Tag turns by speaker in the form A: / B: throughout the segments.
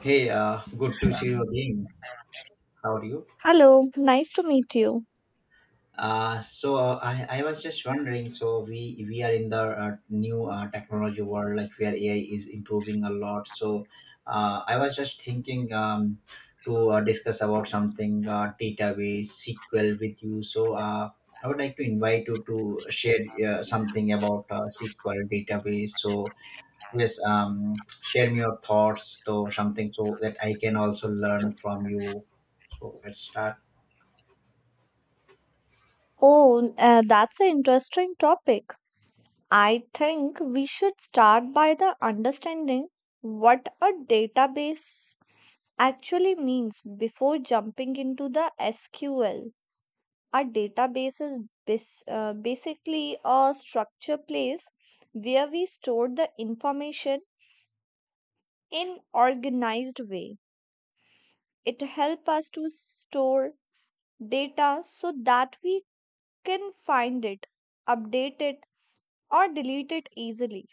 A: Hey, good to see you again. How are you?
B: Hello, nice to meet you.
A: I was just wondering. So we are in the new technology world, like where AI is improving a lot. So I was just thinking to discuss about something database SQL with you. So I would like to invite you to share something about SQL database. So yes, share me your thoughts to something so that I can also learn from you. So let's start.
B: Oh, that's an interesting topic. I think we should start by the understanding what a database actually means before jumping into the SQL. A database is basically a structure place where we store the information in organized way. It helps us to store data so that we can find it, update it, or delete it easily.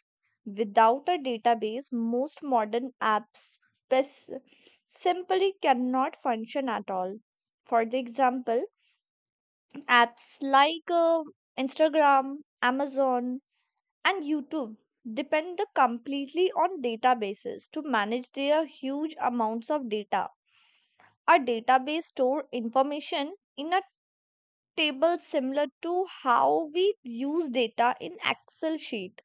B: Without a database, most modern apps pes- simply cannot function at all. For the example, apps like Instagram, Amazon, and YouTube completely on databases to manage their huge amounts of data. A database store information in a Tables similar to how we use data in excel sheet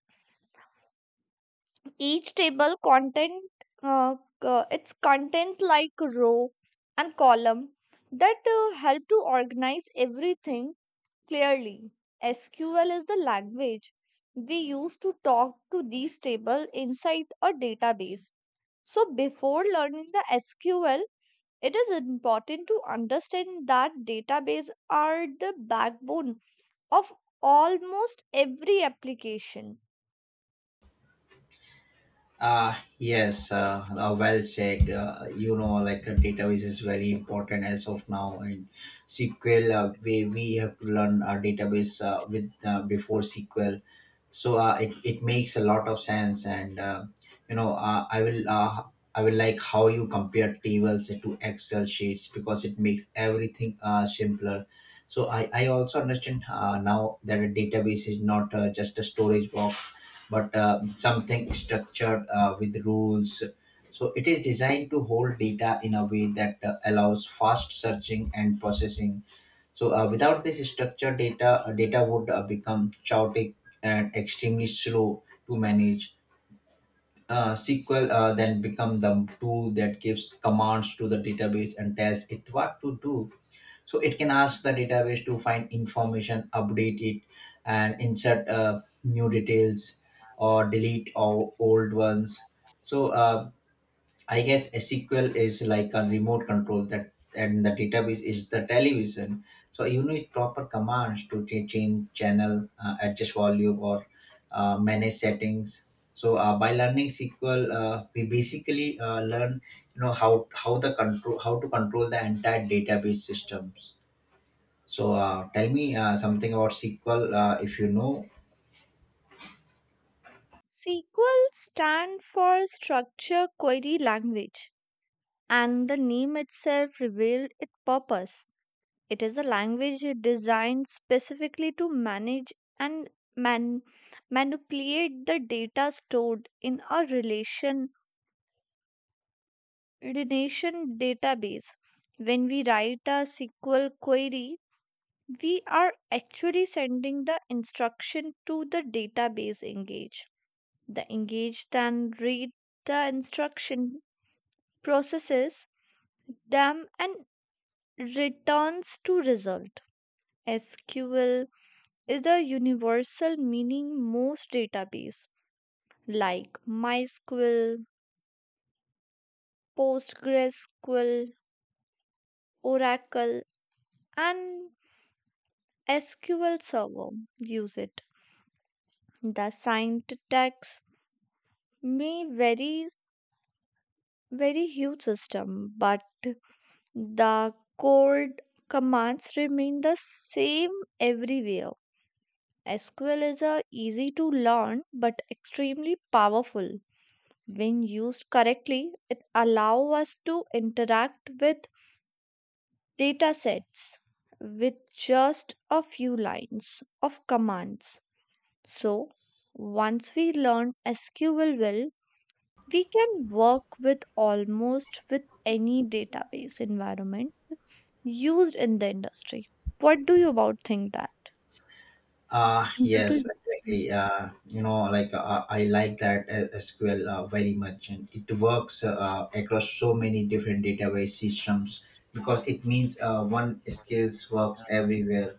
B: each table content uh, its content like row and column that help to organize everything clearly. SQL is the language we use to talk to these table inside a database, so before learning the SQL it is important to understand that database are the backbone of almost every application.
A: Yes, well said. Like database is very important as of now, and SQL. We have to learn our database with before SQL, so it makes a lot of sense. And you know, uh, I will uh, I will like how you compare tables to Excel sheets because it makes everything simpler. So I also understand now that a database is not just a storage box but something structured with rules. So it is designed to hold data in a way that allows fast searching and processing. So without this structured data, data would become chaotic and extremely slow to manage. SQL then become the tool that gives commands to the database and tells it what to do, so it can ask the database to find information, update it, and insert new details, or delete all old ones. So I guess SQL is like a remote control, that and the database is the television, so you need proper commands to change channel, adjust volume, or manage settings. So by learning SQL, we basically learn you know how the control how to control the entire database systems. So tell me something about SQL, if you know.
B: SQL stands for Structure Query Language, and the name itself revealed its purpose. It is a language designed specifically to manage and man- manipulate the data stored in a relation database. When we write a SQL query, we are actually sending the instruction to the database engage, the engaged then read the instruction, processes them, and returns to result. SQL is the universal meaning most database like MySQL, PostgreSQL, Oracle, and SQL Server use it. The syntax may vary very huge system, but the code commands remain the same everywhere. SQL is a easy to learn but extremely powerful. When used correctly, it allows us to interact with data sets with just a few lines of commands. So, once we learn SQL well, we can work with almost with any database environment used in the industry. What do you about think that? And what do
A: Yes,
B: you
A: exactly. Like I like that SQL very much, and it works across so many different database systems because it means one skills works everywhere.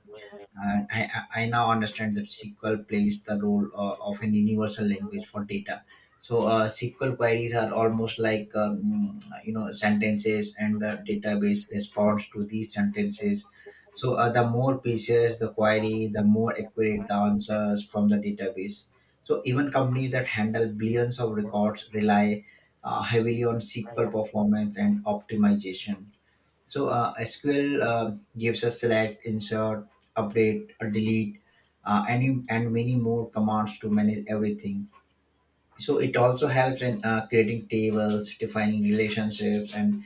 A: And I now understand that SQL plays the role of an universal language for data. So SQL queries are almost like sentences, and the database responds to these sentences. So the more pieces the query, the more accurate the answers from the database. So even companies that handle billions of records rely heavily on SQL performance and optimization. So SQL gives us select, insert, update, or delete, and many more commands to manage everything. So it also helps in creating tables, defining relationships, and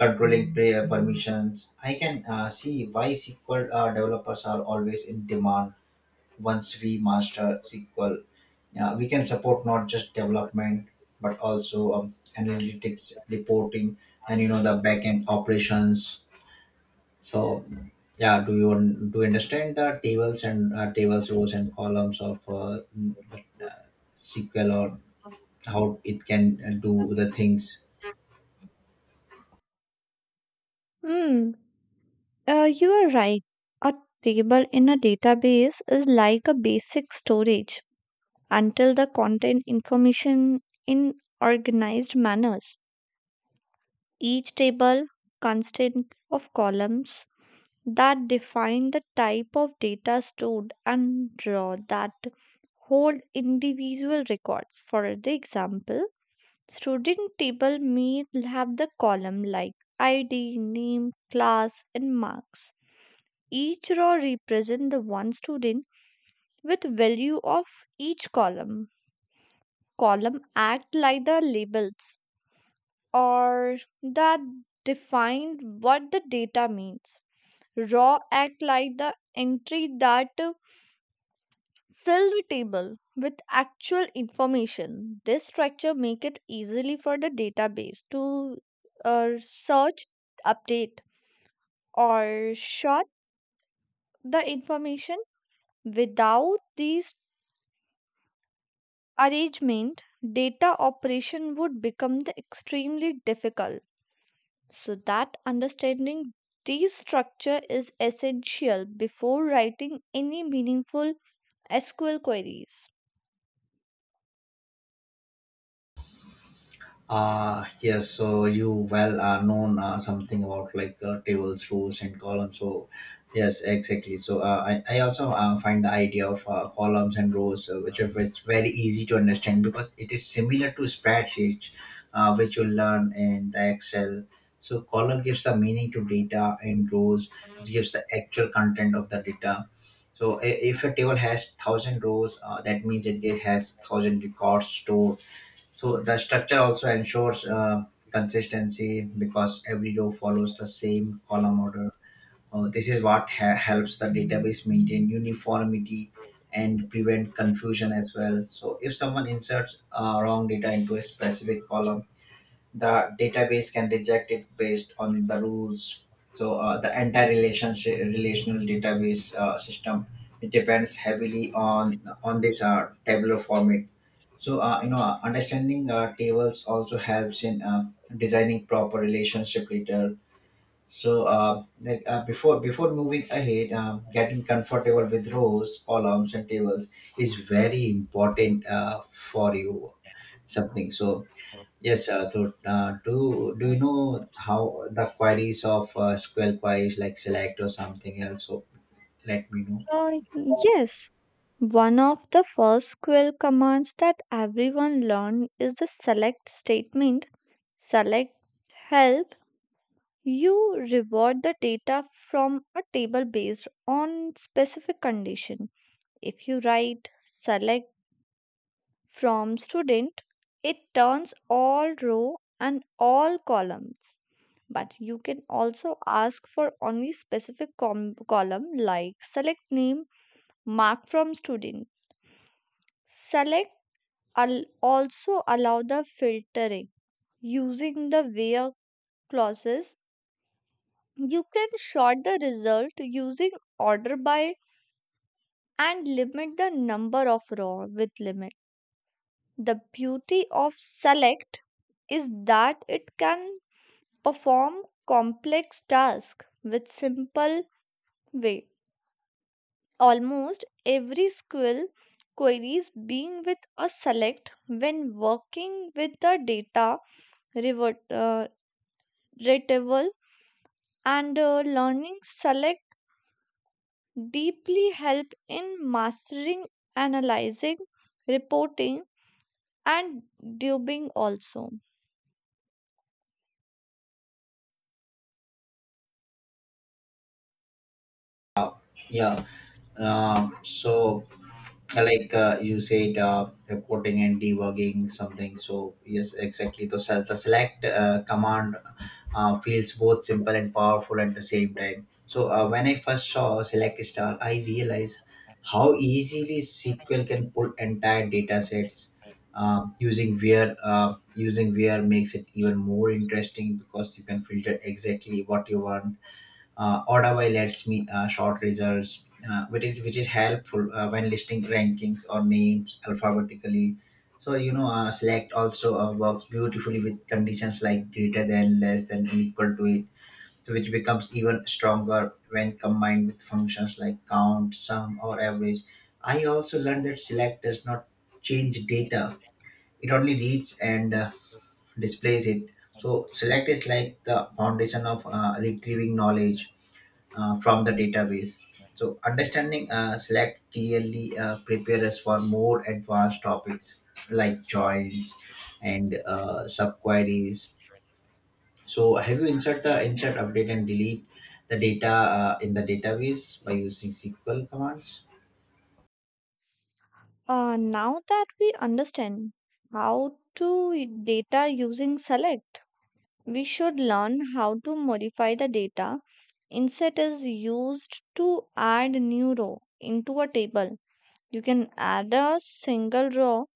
A: controlling prayer permissions. I can see why SQL developers are always in demand. Once we master SQL, we can support not just development but also analytics, reporting, and the backend operations. So, yeah, do do you understand the tables, rows, and columns of uh, SQL, or how it can do the things?
B: understand? You are right. A table in a database is like a basic storage until the content information in organized manners. Each table consists of columns that define the type of data stored and row that hold individual records. For the example, student table may have the column like ID, name, class, and marks. Each row represents the one student with value of each column. Column act like the labels or that defined what the data means. Raw act like the entry that fill the table with actual information. This structure make it easily for the database to search, update, or short the information. Without these arrangement, data operation would become the extremely difficult. So that understanding these structure is essential before writing any meaningful SQL queries.
A: Yes, so you well are known something about like tables, rows, and columns. So, yes, exactly. So, I also find the idea of columns and rows, which are which very easy to understand because it is similar to spreadsheets, which you learn in the Excel. So, column gives the meaning to data, and rows, which gives the actual content of the data. So, if a table has thousand rows, that means it has thousand records stored, so the structure also ensures consistency because every row follows the same column order. This is what helps the database maintain uniformity and prevent confusion as well. So if someone inserts wrong data into a specific column, the database can reject it based on the rules. So the entire relationship relational database system, it depends heavily on this Tableau format. So, understanding tables also helps in designing proper relationship later. So, like before moving ahead, getting comfortable with rows, columns, and tables is very important for you. Something. So, yes, to, do do you know how the queries of SQL queries like select or something else? So, let me know.
B: So yes, one of the first SQL commands that everyone learned is the select statement. Select help you reward the data from a table based on specific condition. If you write select from student, it turns all row and all columns. But you can also ask for only specific column like select name, mark from student. Select also allow the filtering using the where clauses. You can sort the result using order by and limit the number of row with limit. The beauty of select is that it can perform complex tasks with simple way. Almost every skill queries being with a select when working with the data revert, uh, retrieval and learning select deeply help in mastering analyzing reporting and debugging also.
A: Yeah. So, like you said reporting and debugging something, so yes, exactly, so the select command feels both simple and powerful at the same time. So when I first saw select star, I realized how easily SQL can pull entire data sets. Using where makes it even more interesting because you can filter exactly what you want. Ordava lets me sort results, which is helpful when listing rankings or names alphabetically. So, select also works beautifully with conditions like greater than, less than, equal to it, so which becomes even stronger when combined with functions like count, sum, or average. I also learned that select does not change data; it only reads and displays it. So select is like the foundation of retrieving knowledge from the database. So understanding select clearly prepare us for more advanced topics like joins and subqueries. So have you insert the insert, update, and delete the data in the database by using SQL commands?
B: Now that we understand how to data using select we should learn how to modify the data. Inset is used to add new row into a table. You can add a single row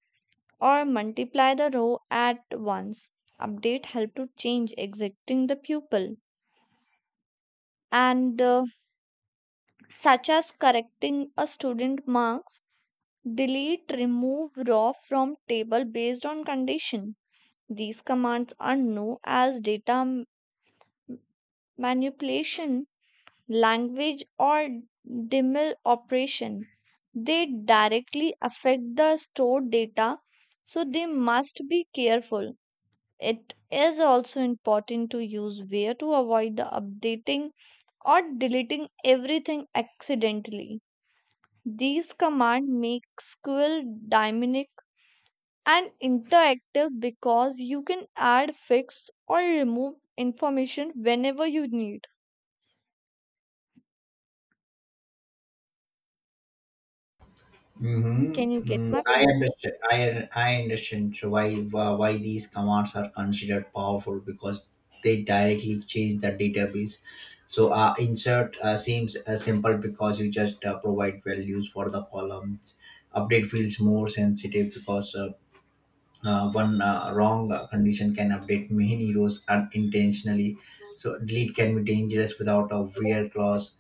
B: or multiply the row at once. Update help to change exiting the pupil and such as correcting a student marks. Delete, remove row from table based on condition. These commands are known as data manipulation language, or DML operation. They directly affect the stored data, so they must be careful. It is also important to use where to avoid the updating or deleting everything accidentally. These commands make SQL dynamic and interactive because you can add, fix, or remove information whenever you need. Can you
A: Mm-hmm.
B: get
A: So
B: my
A: I
B: point?
A: understand. I understand so why these commands are considered powerful because they directly change the database. So insert seems simple because you just provide values for the columns. Update feels more sensitive because one wrong condition can update main heroes unintentionally. So delete can be dangerous without a weird clause,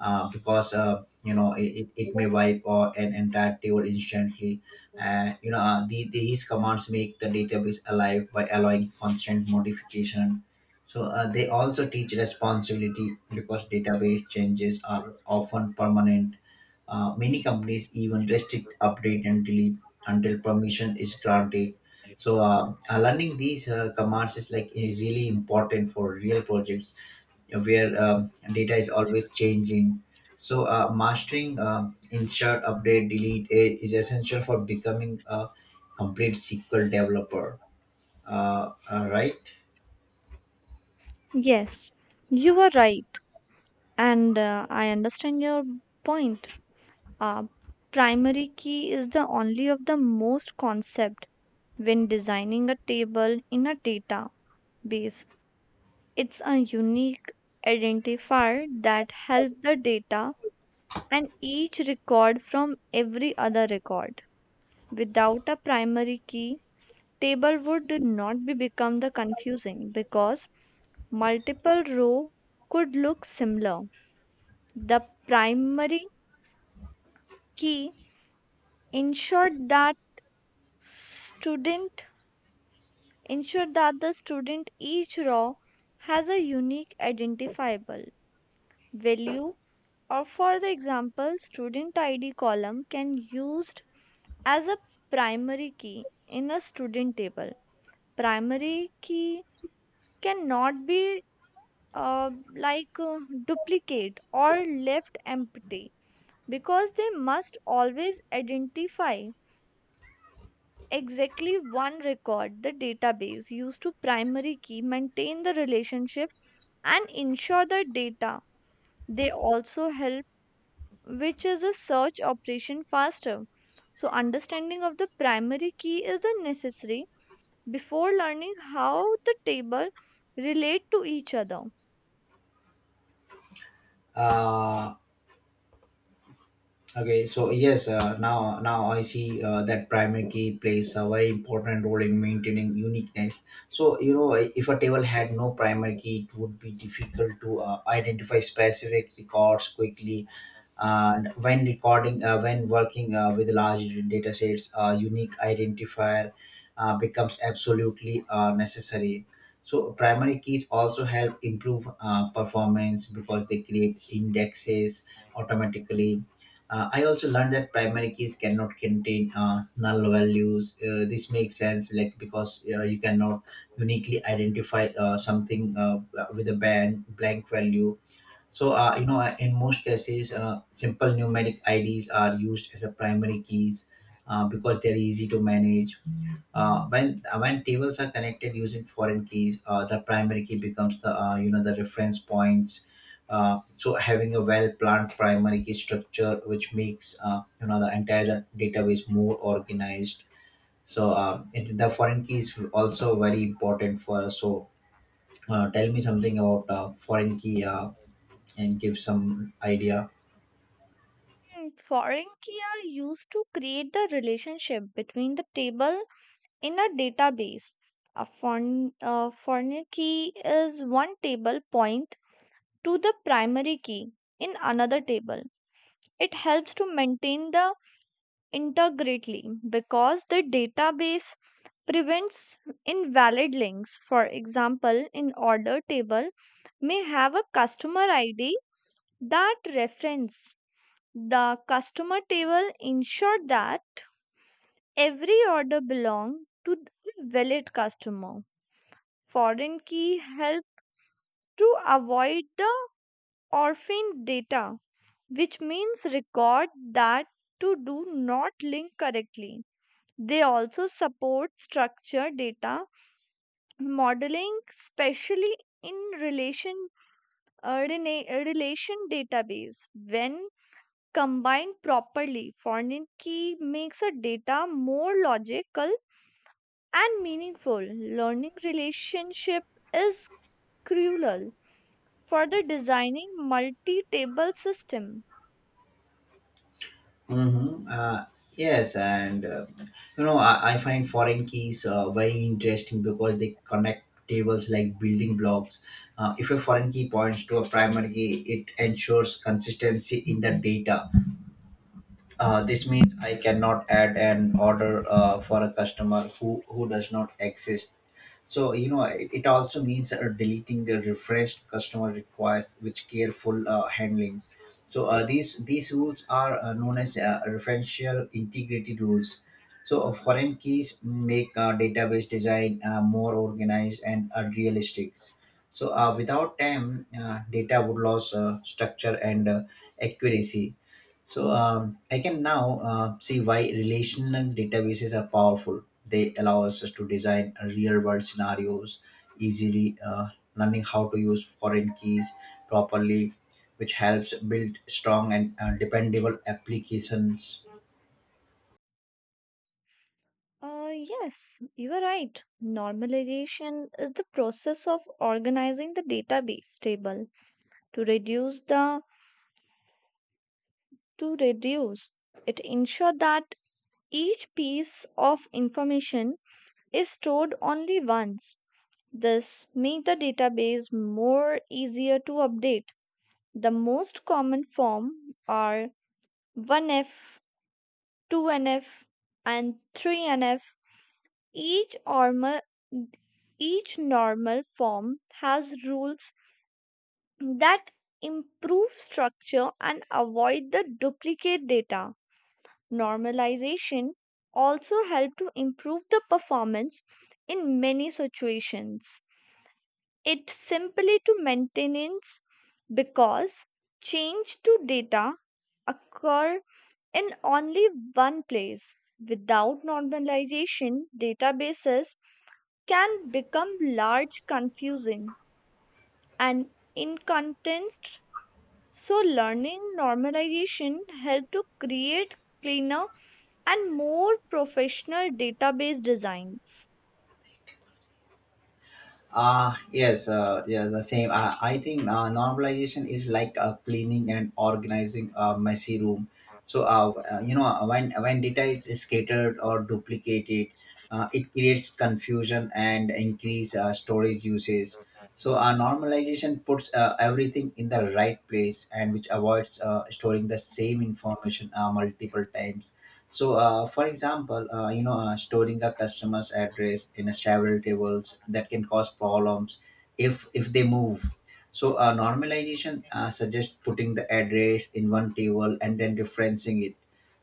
A: because it may wipe or an entire table instantly. And these commands make the database alive by allowing constant modification. So they also teach responsibility because database changes are often permanent. Many companies even restrict update and delete until permission is granted. So learning these commands is really important for real projects where data is always changing. So mastering insert, update, delete is essential for becoming a complete SQL developer. Right?
B: Yes, you are right. And I understand your point. Uh, Primary key is the only of the most concept when designing a table in a database. It's a unique identifier that help the data and each record from every other record. Without a primary key, table would not be become the confusing because multiple row could look similar. The primary key ensured that student ensure that the student each row has a unique identifiable value or for the example student id column can used as a primary key in a student table. Primary key cannot be uh, like uh, duplicate or left empty because they must always identify exactly one record. The database used to primary key maintain the relationship and ensure the data. They also help which is a search operation faster. So understanding of the primary key is a necessary before learning how the table relate to each other.
A: Uh, Okay, so yes, now I see that primary key plays a very important role in maintaining uniqueness. So if a table had no primary key, it would be difficult to identify specific records quickly. And when working with large data sets, a unique identifier becomes absolutely necessary. So primary keys also help improve performance because they create indexes automatically. I also learned that primary keys cannot contain null values. This makes sense, like because you cannot uniquely identify something with a blank value. So in most cases, simple numeric IDs are used as a primary keys because they're easy to manage. When tables are connected using foreign keys, the primary key becomes the you know the reference points. So having a well-planned primary key structure, which makes the entire database more organized. So the foreign key is also very important for us. So tell me something about foreign key, and give some idea.
B: Foreign key are used to create the relationship between the table in a database. A foreign key is one table point to the primary key in another table. It helps to maintain the integrity because the database prevents invalid links. For example, in order table may have a customer ID that reference the customer table ensure that every order belong to the valid customer. Foreign key help to avoid the orphan data, which means record that to do not link correctly. They also support structured data modeling, especially in relation database. When combined properly, foreign key makes a data more logical and meaningful. Learning relationship is crucial further designing multi-table system.
A: Mm-hmm. Yes, and I find foreign keys very interesting because they connect tables like building blocks. If a foreign key points to a primary key, it ensures consistency in the data. This means I cannot add an order for a customer who does not exist. So it also means deleting the refreshed customer requests which careful handling. So these rules are known as referential integrity rules. So foreign keys make database design more organized and realistic. So without them, data would lose structure and accuracy. So I can now see why relational databases are powerful. They allow us to design real world scenarios easily, learning how to use foreign keys properly, which helps build strong and dependable applications.
B: Yes, you are right. Normalization is the process of organizing the database table to reduce the to reduce. It ensure that each piece of information is stored only once. This make the database more easier to update. The most common form are 1F, 2NF, and 3NF. Each, orma- each normal form has rules that improve structure and avoid the duplicate data. Normalization also help to improve the performance in many situations. It simply to maintenance because change to data occur in only one place. Without normalization, databases can become large, confusing, and inconsistent. So, learning normalization help to create cleaner and more professional database designs.
A: Ah, yes, yeah, the same. I think normalization is like cleaning and organizing a messy room. So, when data is scattered or duplicated, it creates confusion and increase storage usage. Normalization puts everything in the right place and which avoids storing the same information multiple times. For example, storing a customer's address in a several tables that can cause problems if they move. Normalization suggests putting the address in one table and then referencing it.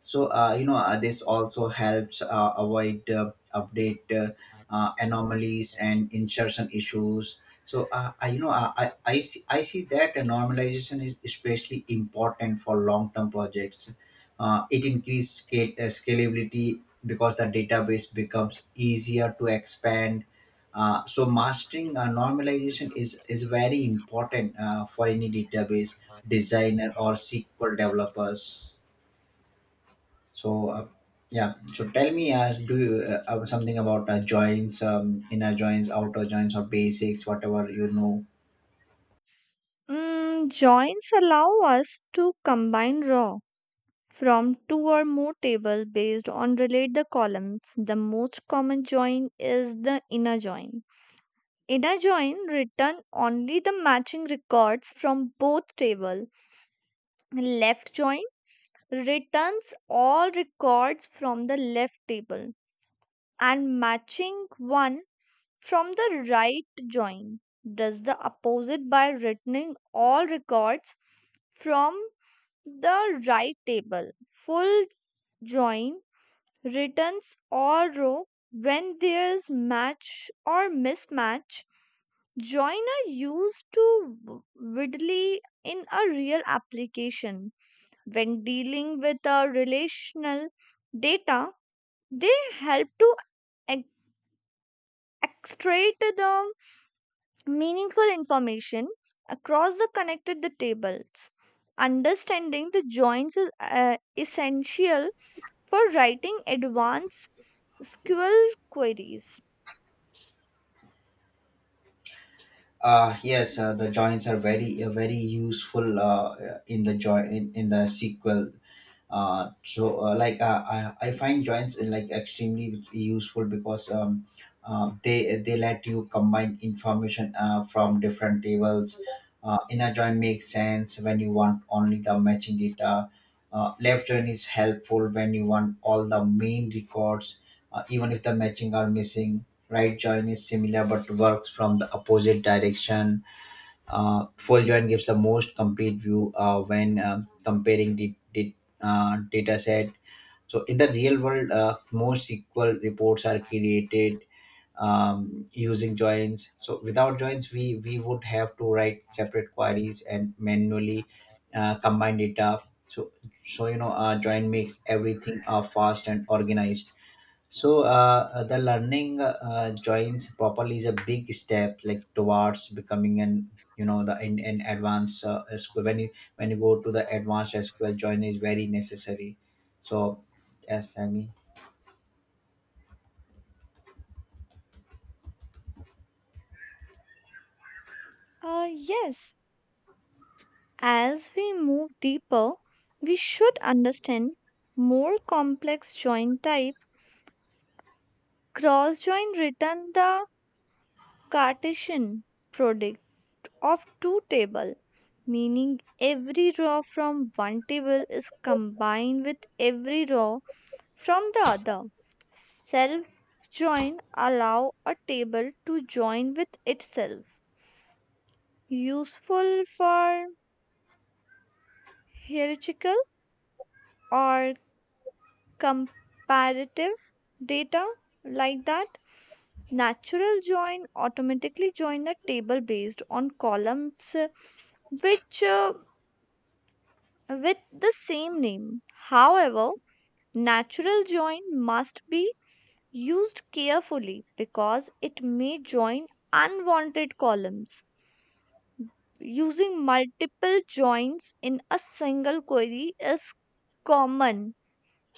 A: This also helps avoid update anomalies and insertion issues. I, you know I see that a normalization is especially important for long-term projects. It increases scalability because the database becomes easier to expand. So mastering normalization is very important for any database designer or SQL developers. so, uh, yeah. So tell me, do you, something about joints, inner joints, outer joints, or basics, whatever you know.
B: Mm, joins allow us to combine raw from two or more table based on relate the columns. The most common join is the inner join. Inner join return only the matching records from both table. Left join returns all records from the left table and matching one from the right. Join does the opposite by returning all records from the right table. Full join returns or row when there's match or mismatch. Join are used to widely in a real application when dealing with a relational data. They help to ex- extract the meaningful information across the connected the tables. Understanding the joins is essential for writing advanced SQL queries.
A: Yes, the joins are very useful in the in the sequel. I find joins like extremely useful because they let you combine information from different tables. Inner join makes sense when you want only the matching data. Left join is helpful when you want all the main records, even if the matching are missing. Right join is similar but works from the opposite direction. Full join gives the most complete view when comparing the data set. So in the real world, most SQL reports are created using joins. So without joins, we would have to write separate queries and manually combine data. So join makes everything fast and organized. So the learning joins properly is a big step like towards becoming an you know the in advanced SQL when you, when you go to the advanced SQL join is very necessary. So yes, Sammy. Mean.
B: Yes, as we move deeper, we should understand more complex joint type. Cross join, return the Cartesian product of two table, meaning every row from one table is combined with every row from the other. Self join allow a table to join with itself. Useful for hierarchical or comparative data like that. Natural join automatically join a table based on columns which with the same name. However, natural join must be used carefully because it may join unwanted columns. Using multiple joins in a single query is common.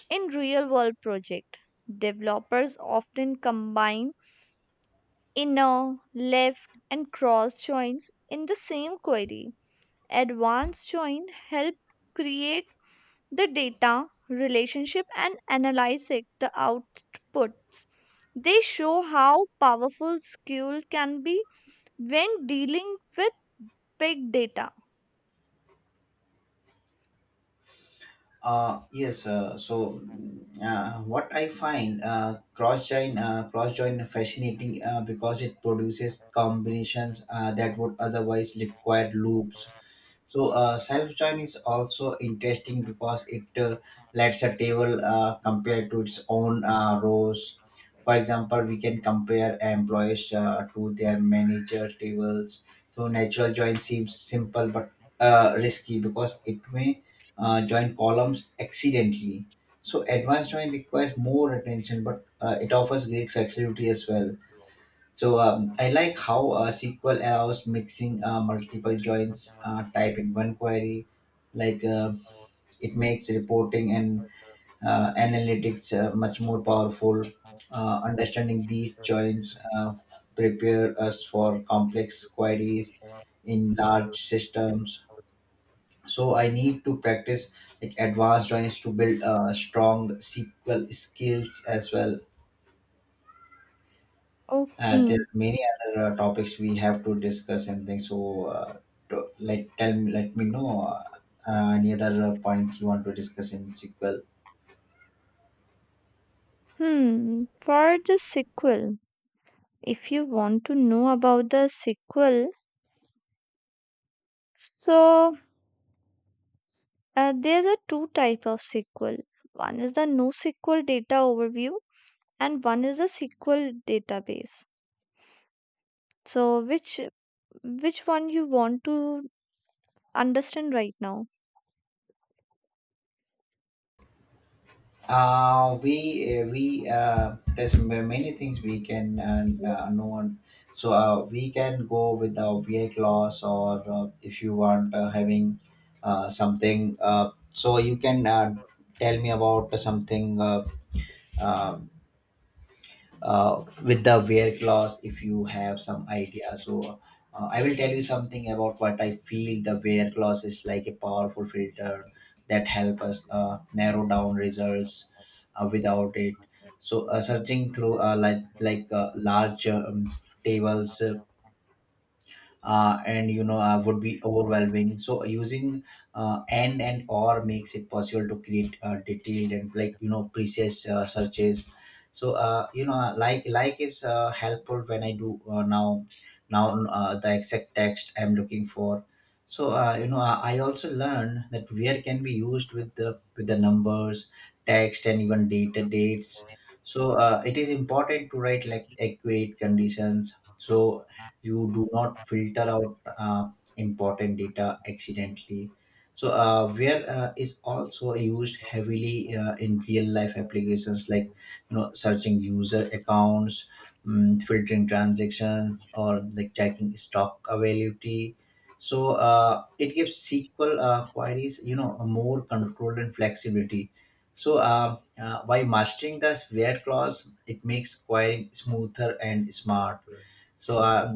B: In real world project, developers often combine inner, left, and cross joins in the same query. Advanced join help create the data, relationship and analyze it, the outputs. They show how powerful SQL can be when dealing with big data.
A: Yes, what I find cross join fascinating because it produces combinations that would otherwise require loops. So self-design is also interesting because it lets a table compare to its own rows. For example, we can compare employees to their manager tables. So natural join seems simple but risky because it may join columns accidentally. So advanced join requires more attention, but it offers great flexibility as well. So I like how SQL allows mixing multiple joins type in one query. Like uh, it makes reporting and analytics much more powerful. Understanding these joins prepare us for complex queries in large systems. So I need to practice like advanced joins to build strong SQL skills as well.
B: Okay.
A: There are many other topics we have to discuss and things. So, to, like, tell me, let me know any other point you want to discuss in sequel.
B: Hmm. For the SQL, if you want to know about the SQL, so there's a two type of SQL. One is the NoSQL data overview and one is the SQL database. So which one you want to understand right now?
A: We there's many things we can, and no one. So we can go with the VA clause, or if you want having something. So you can tell me about something. Uh, with the wear clause, if you have some idea, I will tell you something about what I feel. The wear clause is like a powerful filter that help us narrow down results. Without it, searching through large tables and you know would be overwhelming, so using and or makes it possible to create detailed and precise searches. Like is helpful when I do now the exact text I'm looking for. I also learned that where can be used with the numbers, text, and even data dates. It is important to write like accurate conditions, so you do not filter out important data accidentally. So where is also used heavily in real life applications like searching user accounts, filtering transactions, or like checking stock availability. So it gives SQL queries, you know, more control and flexibility. So by mastering the where clause, it makes querying smoother and smart. So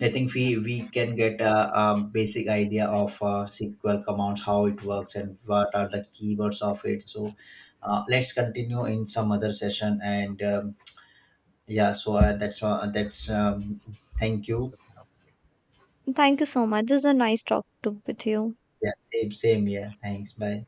A: I think we can get a basic idea of SQL commands, how it works, and what are the keywords of it. So, let's continue in some other session. And yeah, that's thank you.
B: Thank you so much. This is a nice talk to with you.
A: Yeah, same. Yeah, thanks. Bye.